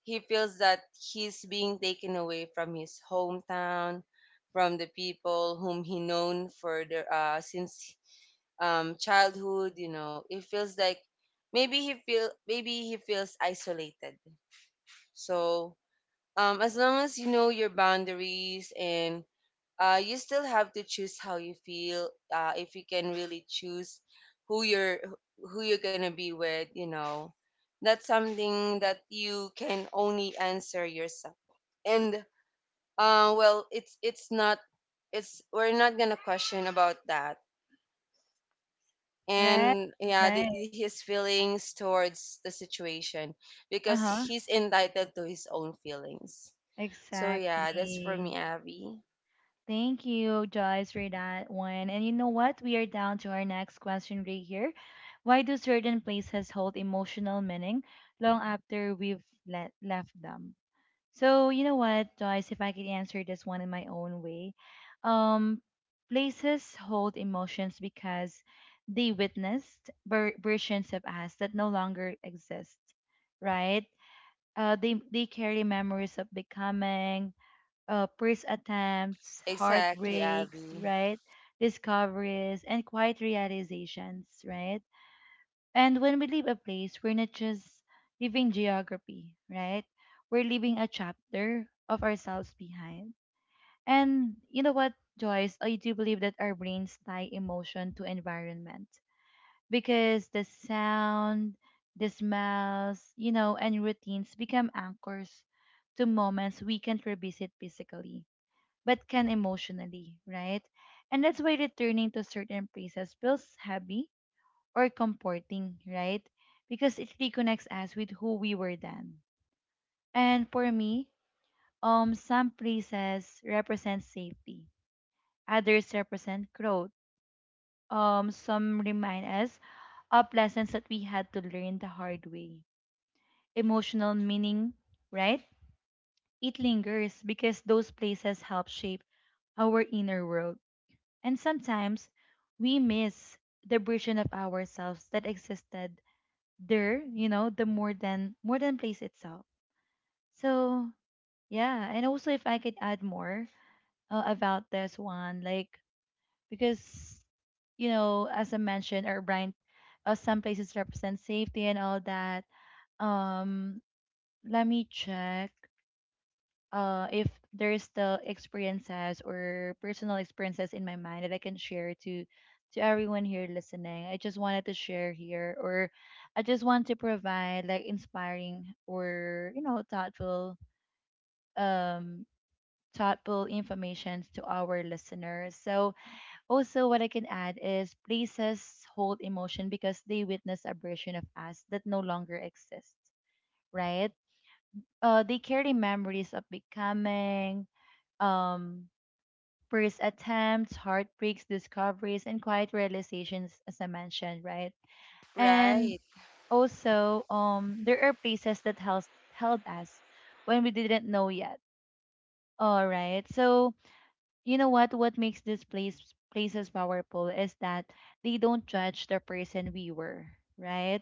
Speaker 2: he feels that he's being taken away from his hometown, from the people whom he known for the uh, since um, childhood. You know, it feels like maybe he feel maybe he feels isolated. So um, as long as you know your boundaries, and uh, you still have to choose how you feel, uh, if you can really choose who you're, who you're gonna be with, you know, that's something that you can only answer yourself. And uh, well, it's it's not it's we're not gonna question about that
Speaker 1: Right,
Speaker 2: and yeah the,
Speaker 1: right.
Speaker 2: his feelings towards the situation, because
Speaker 1: Uh-huh.
Speaker 2: he's entitled to his own feelings. So yeah, that's for me,
Speaker 1: Exactly.
Speaker 2: Abby.
Speaker 1: Thank you, Joyce, for that one. And you know what? We are down to our next question right here. Why do certain places hold emotional meaning long after we've let, left them? So, you know what, Joyce, if I could answer this one in my own way, um, places hold emotions because they witnessed ver- versions of us that no longer exist, right? Uh, they they carry memories of becoming, uh, first attempts,
Speaker 2: Exactly,
Speaker 1: heartbreaks,
Speaker 2: Abby.
Speaker 1: right? Discoveries and quiet realizations, right? And when we leave a place, we're not just leaving geography, right? We're leaving a chapter of ourselves behind. And you know what, Joyce? I do believe that our brains tie emotion to environment because the sound, the smells, you know, and routines become anchors to moments we can't revisit physically, but can emotionally, right? And that's why returning to certain places feels heavy or comforting, right? Because it reconnects us with who we were then. And for me, um, some places represent safety, others represent growth. Um, some remind us of lessons that we had to learn the hard way. Emotional meaning, right? It lingers because those places help shape our inner world. And sometimes we miss the version of ourselves that existed there, you know, the more than more than place itself. So yeah, and also if I could add more uh, about this one, like, because you know, as I mentioned, our brand, uh, some places represent safety and all that. Um, let me check. uh, if there's the experiences or personal experiences in my mind that I can share to to everyone here listening, I just wanted to share here, or I just want to provide like inspiring or you know thoughtful um thoughtful information to our listeners. So also what I can add is places hold emotion because they witness a version of us that no longer exists, right? Uh, they carry memories of becoming, um first attempts, heartbreaks, discoveries, and quiet realizations, as I mentioned, right?
Speaker 2: Right.
Speaker 1: And also, um, there are places that held held us when we didn't know yet. All right. So you know what? What makes this place places powerful is that they don't judge the person we were, right?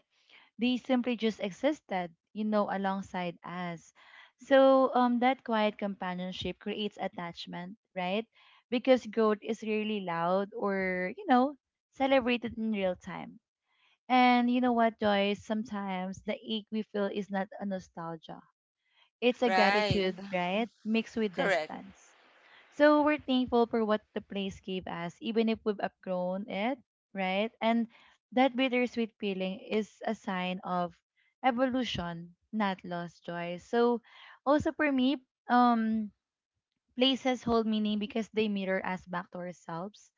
Speaker 1: They simply just existed, you know, alongside us. So um, that quiet companionship creates attachment, right? Because growth is really loud or, you know, celebrated in real time. And you know what, Joyce? Sometimes the ache we feel is not a nostalgia. It's a
Speaker 2: Right,
Speaker 1: gratitude, right? Mixed with
Speaker 2: correct.
Speaker 1: distance. So we're thankful for what the place gave us, even if we've outgrown it, right? And that bittersweet feeling is a sign of evolution, not lost joy. So also for me, um, places hold meaning because they mirror us back to ourselves.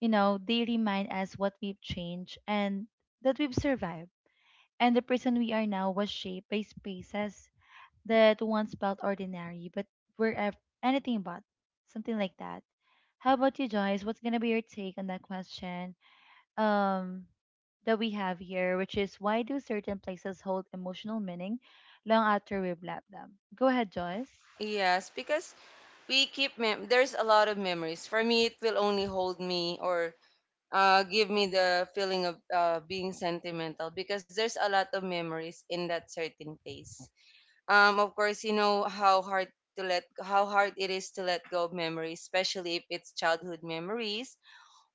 Speaker 1: You know, they remind us what we've changed and that we've survived. And the person we are now was shaped by spaces that once felt ordinary, but were ev- anything but something like that. How about you, Joyce? What's gonna be your take on that question um, that we have here, which is why do certain places hold emotional meaning long after we've left them? Go ahead, Joyce.
Speaker 2: Yes, because we keep mem- there's a lot of memories. For me, it will only hold me or uh, give me the feeling of uh, being sentimental because there's a lot of memories in that certain place. Um, of course, you know how hard to let how hard it is to let go of memories, especially if it's childhood memories,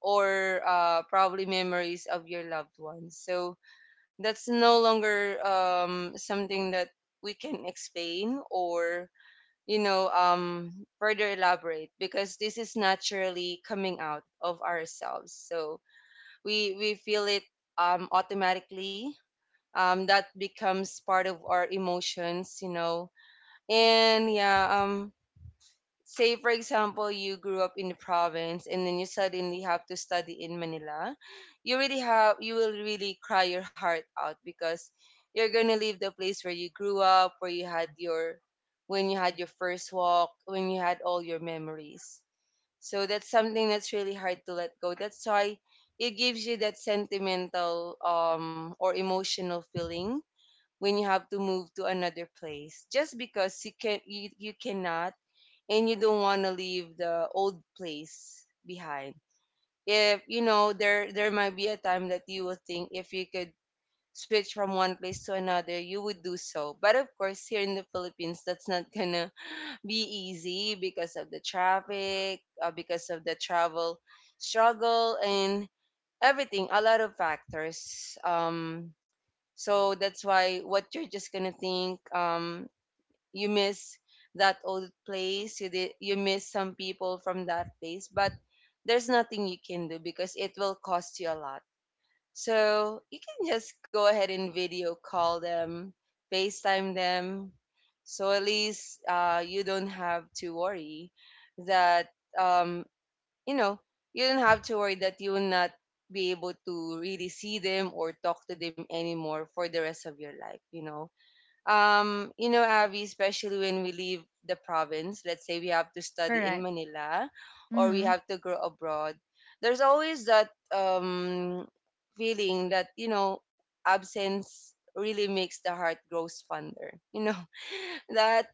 Speaker 2: or uh, probably memories of your loved ones. So that's no longer um, something that we can explain or, you know, um, further elaborate, because this is naturally coming out of ourselves. So we we feel it um, automatically. Um, that becomes part of our emotions, you know. And yeah, um, say for example, you grew up in the province and then you suddenly have to study in Manila. You really have, you will really cry your heart out because you're gonna leave the place where you grew up, where you had your, when you had your first walk, when you had all your memories. So that's something that's really hard to let go. That's why it gives you that sentimental um or emotional feeling when you have to move to another place just because you can you, you cannot and you don't want to leave the old place behind. If you know, there there might be a time that you will think, if you could switch from one place to another, you would do so. But of course, here in the Philippines, that's not <laughs> gonna be easy because of the traffic, uh, because of the travel struggle, and everything. A lot of factors. Um, so that's why what you're just gonna think. Um, you miss that old place, you did, you miss some people from that place, but there's nothing you can do because it will cost you a lot. So you can just go ahead and video call them, FaceTime them, so at least uh, you don't have to worry that um, you know you don't have to worry that you will not be able to really see them or talk to them anymore for the rest of your life, you know. um, you know, Avi, especially when we leave the province, let's say we have to study in
Speaker 1: Correct.
Speaker 2: Manila or we
Speaker 1: Mm-hmm.
Speaker 2: have to go abroad, there's always that um, feeling that, you know, absence really makes the heart grows fonder. You know, <laughs> that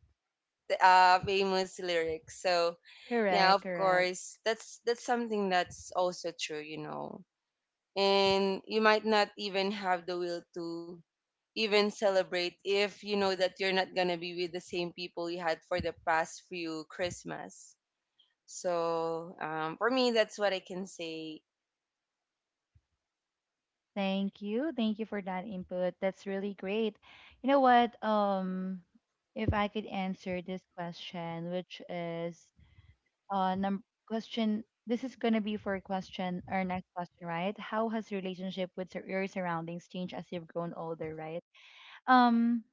Speaker 2: uh, famous lyric. So, yeah,
Speaker 1: Correct.
Speaker 2: of
Speaker 1: Correct.
Speaker 2: course, that's that's something that's also true, you know. And you might not even have the will to even celebrate if you know that you're not gonna be with the same people you had for the past few Christmas. So um, for me, that's what I can say.
Speaker 1: Thank you. Thank you for that input. That's really great. You know what? Um, if I could answer this question, which is uh num- question this is going to be for question our next question, right? How has your relationship with sur- your surroundings changed as you've grown older, right? um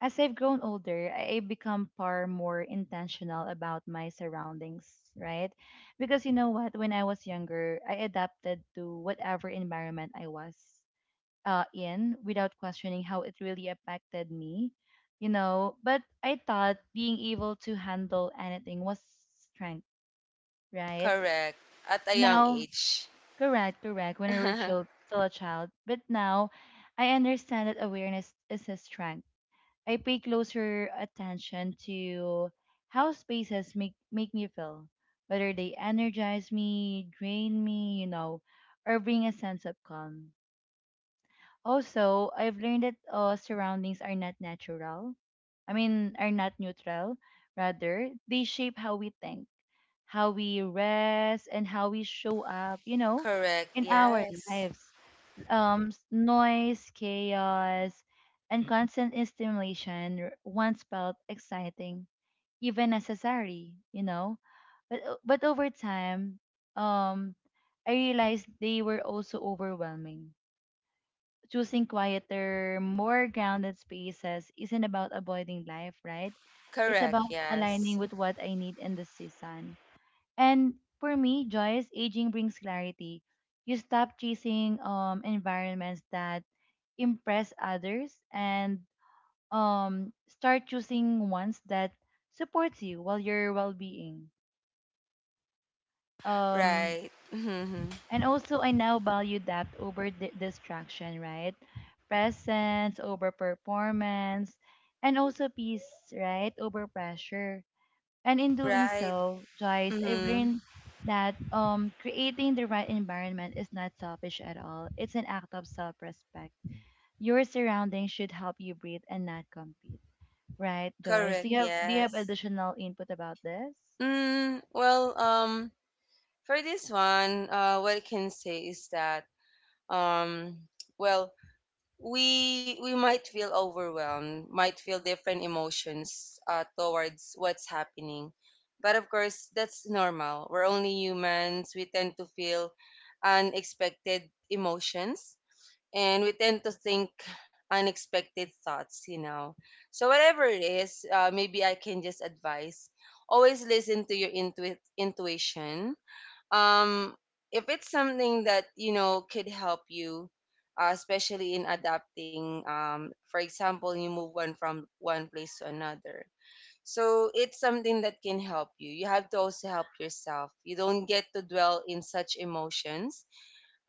Speaker 1: as I've grown older, i I become far more intentional about my surroundings, right? Because you know what, when I was younger, I adapted to whatever environment I was uh, in without questioning how it really affected me, you know. But I thought being able to handle anything was strength, right?
Speaker 2: Correct. At a young
Speaker 1: Now,
Speaker 2: age.
Speaker 1: correct, correct. When we were child,
Speaker 2: <laughs>
Speaker 1: still a child, but now I understand that awareness is a strength. I pay closer attention to how spaces make make me feel, whether they energize me, drain me, you know, or bring a sense of calm. Also, I've learned that uh, surroundings are not natural. I mean, are not neutral. Rather, they shape how we think, how we rest, and how we show up, you know,
Speaker 2: Correct.
Speaker 1: in our
Speaker 2: Yes.
Speaker 1: lives. Um, s- noise, chaos, and constant stimulation r- once felt exciting, even necessary, you know. But o- but over time, um, I realized they were also overwhelming. Choosing quieter, more grounded spaces isn't about avoiding life, right? It's
Speaker 2: Correct.
Speaker 1: about aligning
Speaker 2: Yes.
Speaker 1: with what I need in the season. And for me, Joyce, aging brings clarity. You stop chasing um environments that impress others and um start choosing ones that supports you while your well-being. Um
Speaker 2: Right. Mm-hmm.
Speaker 1: and also I now value depth over di- distraction, right? Presence over performance, and also peace, right? Over pressure. And in doing
Speaker 2: Right.
Speaker 1: so, Joyce, I've
Speaker 2: Mm-hmm.
Speaker 1: learned that um, creating the right environment is not selfish at all. It's an act of self respect. Your surroundings should help you breathe and not compete. Right, Joyce? Do
Speaker 2: Correct.
Speaker 1: you have do you have
Speaker 2: Yes.
Speaker 1: additional input about this?
Speaker 2: Mm, well, um, for this one, uh, what I can say is that, um, well, we we might feel overwhelmed, might feel different emotions uh, towards what's happening. But of course, that's normal. We're only humans. We tend to feel unexpected emotions, and we tend to think unexpected thoughts, you know. So, whatever it is, uh, maybe I can just advise, always listen to your intu- intuition. um if it's something that you know could help you, uh, especially in adapting, um for example, you move one from one place to another, so it's something that can help you. You have to also help yourself. You don't get to dwell in such emotions.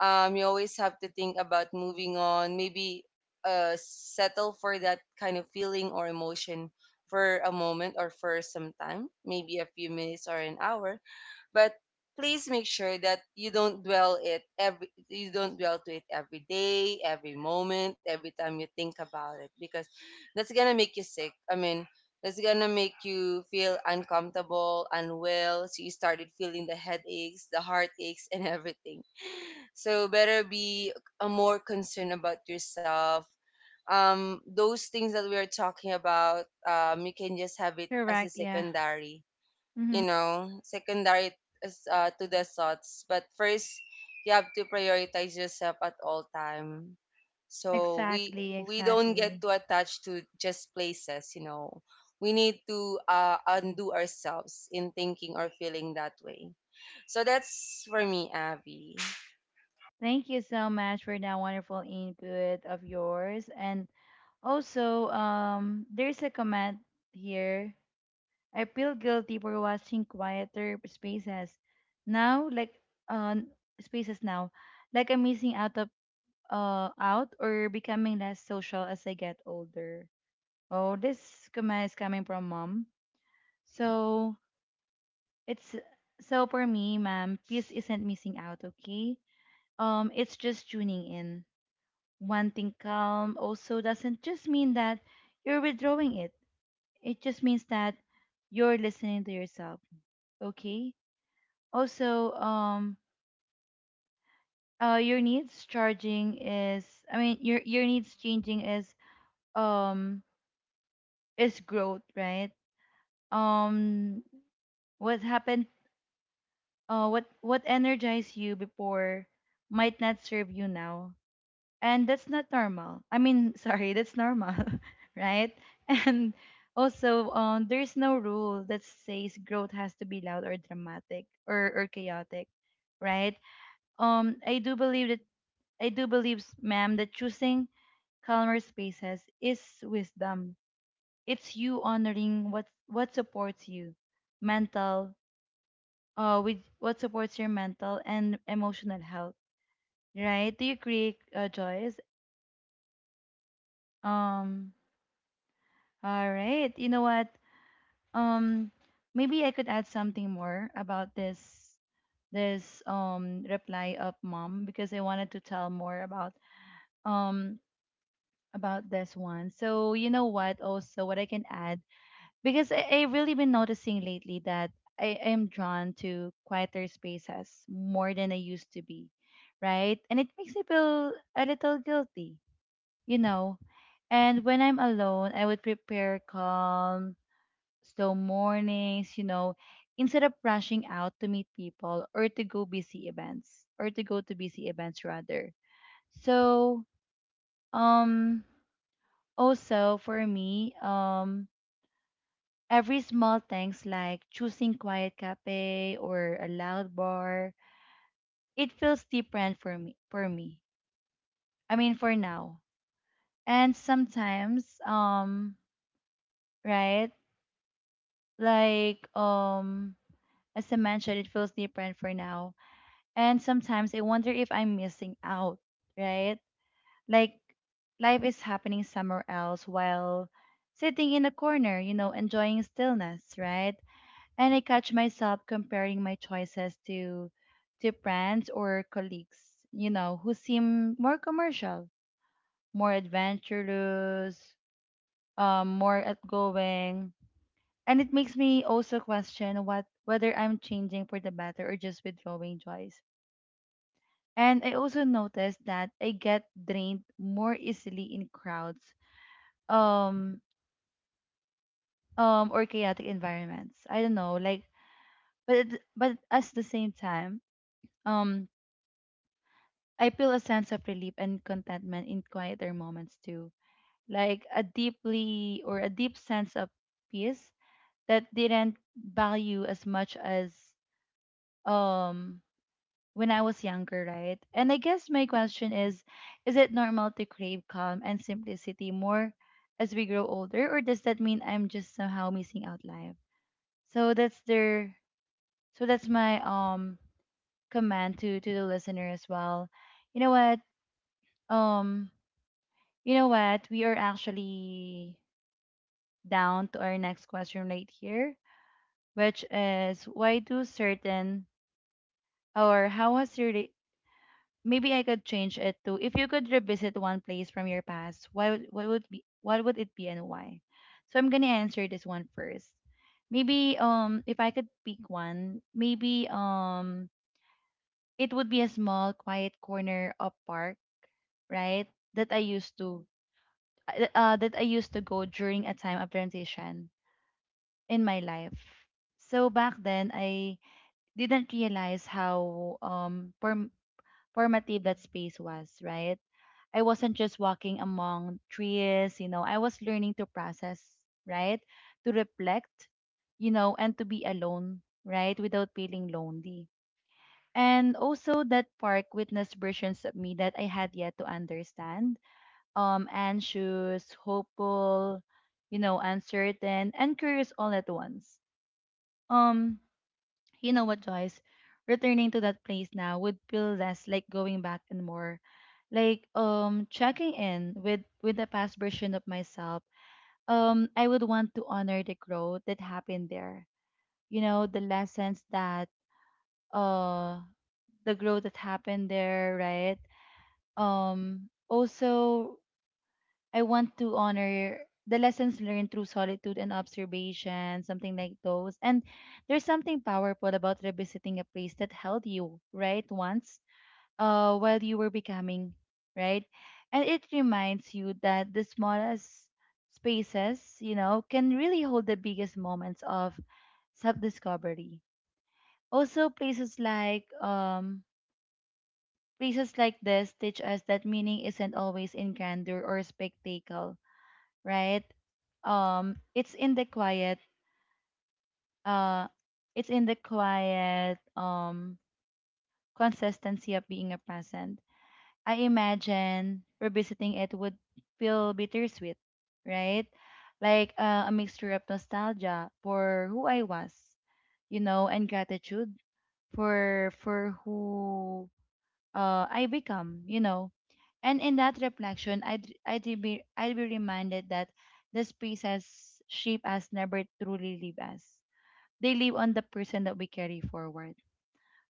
Speaker 2: um you always have to think about moving on. Maybe uh settle for that kind of feeling or emotion for a moment or for some time, maybe a few minutes or an hour, but please make sure that you don't dwell it every you don't dwell to it every day, every moment, every time you think about it, because that's gonna make you sick. I mean, that's gonna make you feel uncomfortable, unwell, so you started feeling the headaches, the heartaches, and everything. So better be a more concerned about yourself. um those things that we are talking about, um you can just have it as a
Speaker 1: Correct, yeah.
Speaker 2: secondary,
Speaker 1: Mm-hmm.
Speaker 2: you know, secondary, as, uh, to the thoughts. But first, you have to prioritize yourself at all time. So we
Speaker 1: Exactly,
Speaker 2: we don't get too
Speaker 1: exactly.
Speaker 2: attached to just places, you know. We need to uh, undo ourselves in thinking or feeling that way. So that's for me, Abby.
Speaker 1: Thank you so much for that wonderful input of yours. And also, um, there's a comment here. I feel guilty for watching quieter spaces now, like uh, spaces now, like I'm missing out of uh out or becoming less social as I get older. Oh, this comment is coming from mom. So it's so for me, ma'am, peace isn't missing out, okay? Um, it's just tuning in. Wanting calm also doesn't just mean that you're withdrawing it. It just means that you're listening to yourself, okay? Also, um, uh, your needs charging is, I mean, your your needs changing is, um, is growth, right? Um, what happened? Uh, what what energized you before might not serve you now, and that's not normal. I mean, <laughs> sorry, that's normal, <laughs> right? And also, um, there's no rule that says growth has to be loud or dramatic or or chaotic, right? Um, I do believe that I do believe, ma'am, that choosing calmer spaces is wisdom. It's you honoring what what supports you, mental, uh, with what supports your mental and emotional health, right? Do you agree, uh, Joyce? Um, all right. You know what? Um, Maybe I could add something more about this this um reply of mom because I wanted to tell more about um about this one. So you know what? Also, what I can add because I, I really been noticing lately that I am drawn to quieter spaces more than I used to be, right? And it makes me feel a little guilty, you know. And when I'm alone, I would prepare calm, slow mornings, you know, instead of rushing out to meet people or to go busy events or to go to busy events rather. So, um also for me, um every small things like choosing quiet cafe or a loud bar, it feels different for me for me. I mean for now. And sometimes um right? Like um as I mentioned, it feels different for now. And sometimes I wonder if I'm missing out, right? Like life is happening somewhere else while sitting in a corner, you know, enjoying stillness, right? And I catch myself comparing my choices to to friends or colleagues, you know, who seem more commercial, more adventurous, um, more outgoing. And it makes me also question what whether I'm changing for the better or just withdrawing joys. And I also noticed that I get drained more easily in crowds, um, um, or chaotic environments. I don't know, like, but it, but at the same time, um, I feel a sense of relief and contentment in quieter moments too, like a deeply or a deep sense of peace that didn't value as much as um when I was younger, right? And I guess my question is is it normal to crave calm and simplicity more as we grow older, or does that mean I'm just somehow missing out life? So that's their so that's my um command to to the listener as well. You know what? Um You know what? We are actually down to our next question right here, which is why do certain or how has your re- maybe I could change it to if you could revisit one place from your past, why would what would be what would it be and why? So I'm gonna answer this one first. Maybe um if I could pick one, maybe um it would be a small quiet corner of park, right, that I used to uh, that i used to go during a time of transition in my life. So back then, I didn't realize how um form- formative that space was, right? I wasn't just walking among trees, you know, I was learning to process, right? To reflect, you know, and to be alone, right? Without feeling lonely. And also that park witnessed versions of me that I had yet to understand. Um, anxious, hopeful, you know, uncertain, and curious all at once. Um, You know what, Joyce? Returning to that place now would feel less like going back and more like um checking in with with the past version of myself. Um, I would want to honor the growth that happened there. You know, the lessons that uh the growth that happened there, right? Um, also I want to honor the lessons learned through solitude and observation, something like those. And there's something powerful about revisiting a place that held you, right, once, uh, while you were becoming, right? And it reminds you that the smallest spaces, you know, can really hold the biggest moments of self discovery. Also, places like um, places like this teach us that meaning isn't always in grandeur or spectacle, right? Um, it's in the quiet, uh, it's in the quiet, um, consistency of being a present. I imagine revisiting it would feel bittersweet, right? Like uh, a mixture of nostalgia for who I was, you know, and gratitude for for who uh I become, you know. And in that reflection, I'd, I'd, be, I'd be reminded that the spaces shape us never truly leave us. They live on the person that we carry forward.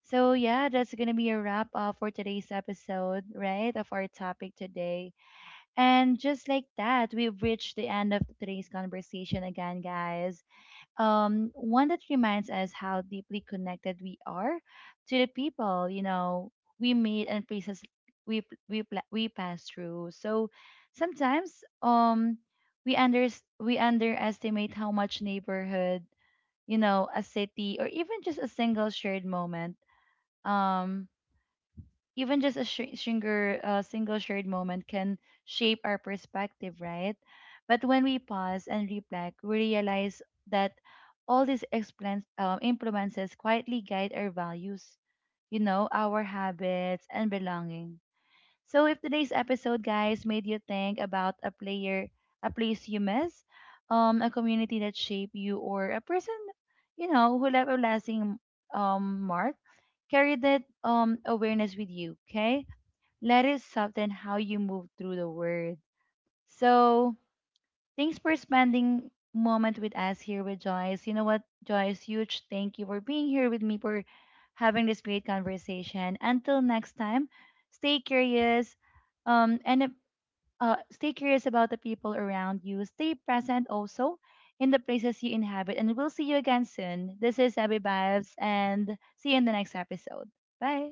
Speaker 1: So, yeah, that's going to be a wrap up for today's episode, right, of our topic today. And just like that, we've reached the end of today's conversation again, guys, um, one that reminds us how deeply connected we are to the people, you know, we meet and places we p- we pla- we pass through. So sometimes um we under we underestimate how much neighborhood, you know, a city, or even just a single shared moment, um even just a sh- singer, uh, single shared moment can shape our perspective, right? But when we pause and reflect, we realize that all these explains, um, influences quietly guide our values, you know, our habits and belonging. So if today's episode, guys, made you think about a player, a place you miss, um, a community that shaped you, or a person, you know, who left a lasting um, mark, carry that um, awareness with you, okay? Let it soften how you move through the word. So, thanks for spending moment with us here with Joyce. You know what, Joyce, huge thank you for being here with me for having this great conversation. Until next time, stay curious um and uh, uh, stay curious about the people around you. Stay present also in the places you inhabit and we'll see you again soon. This is Abby Vibes and see you in the next episode. Bye.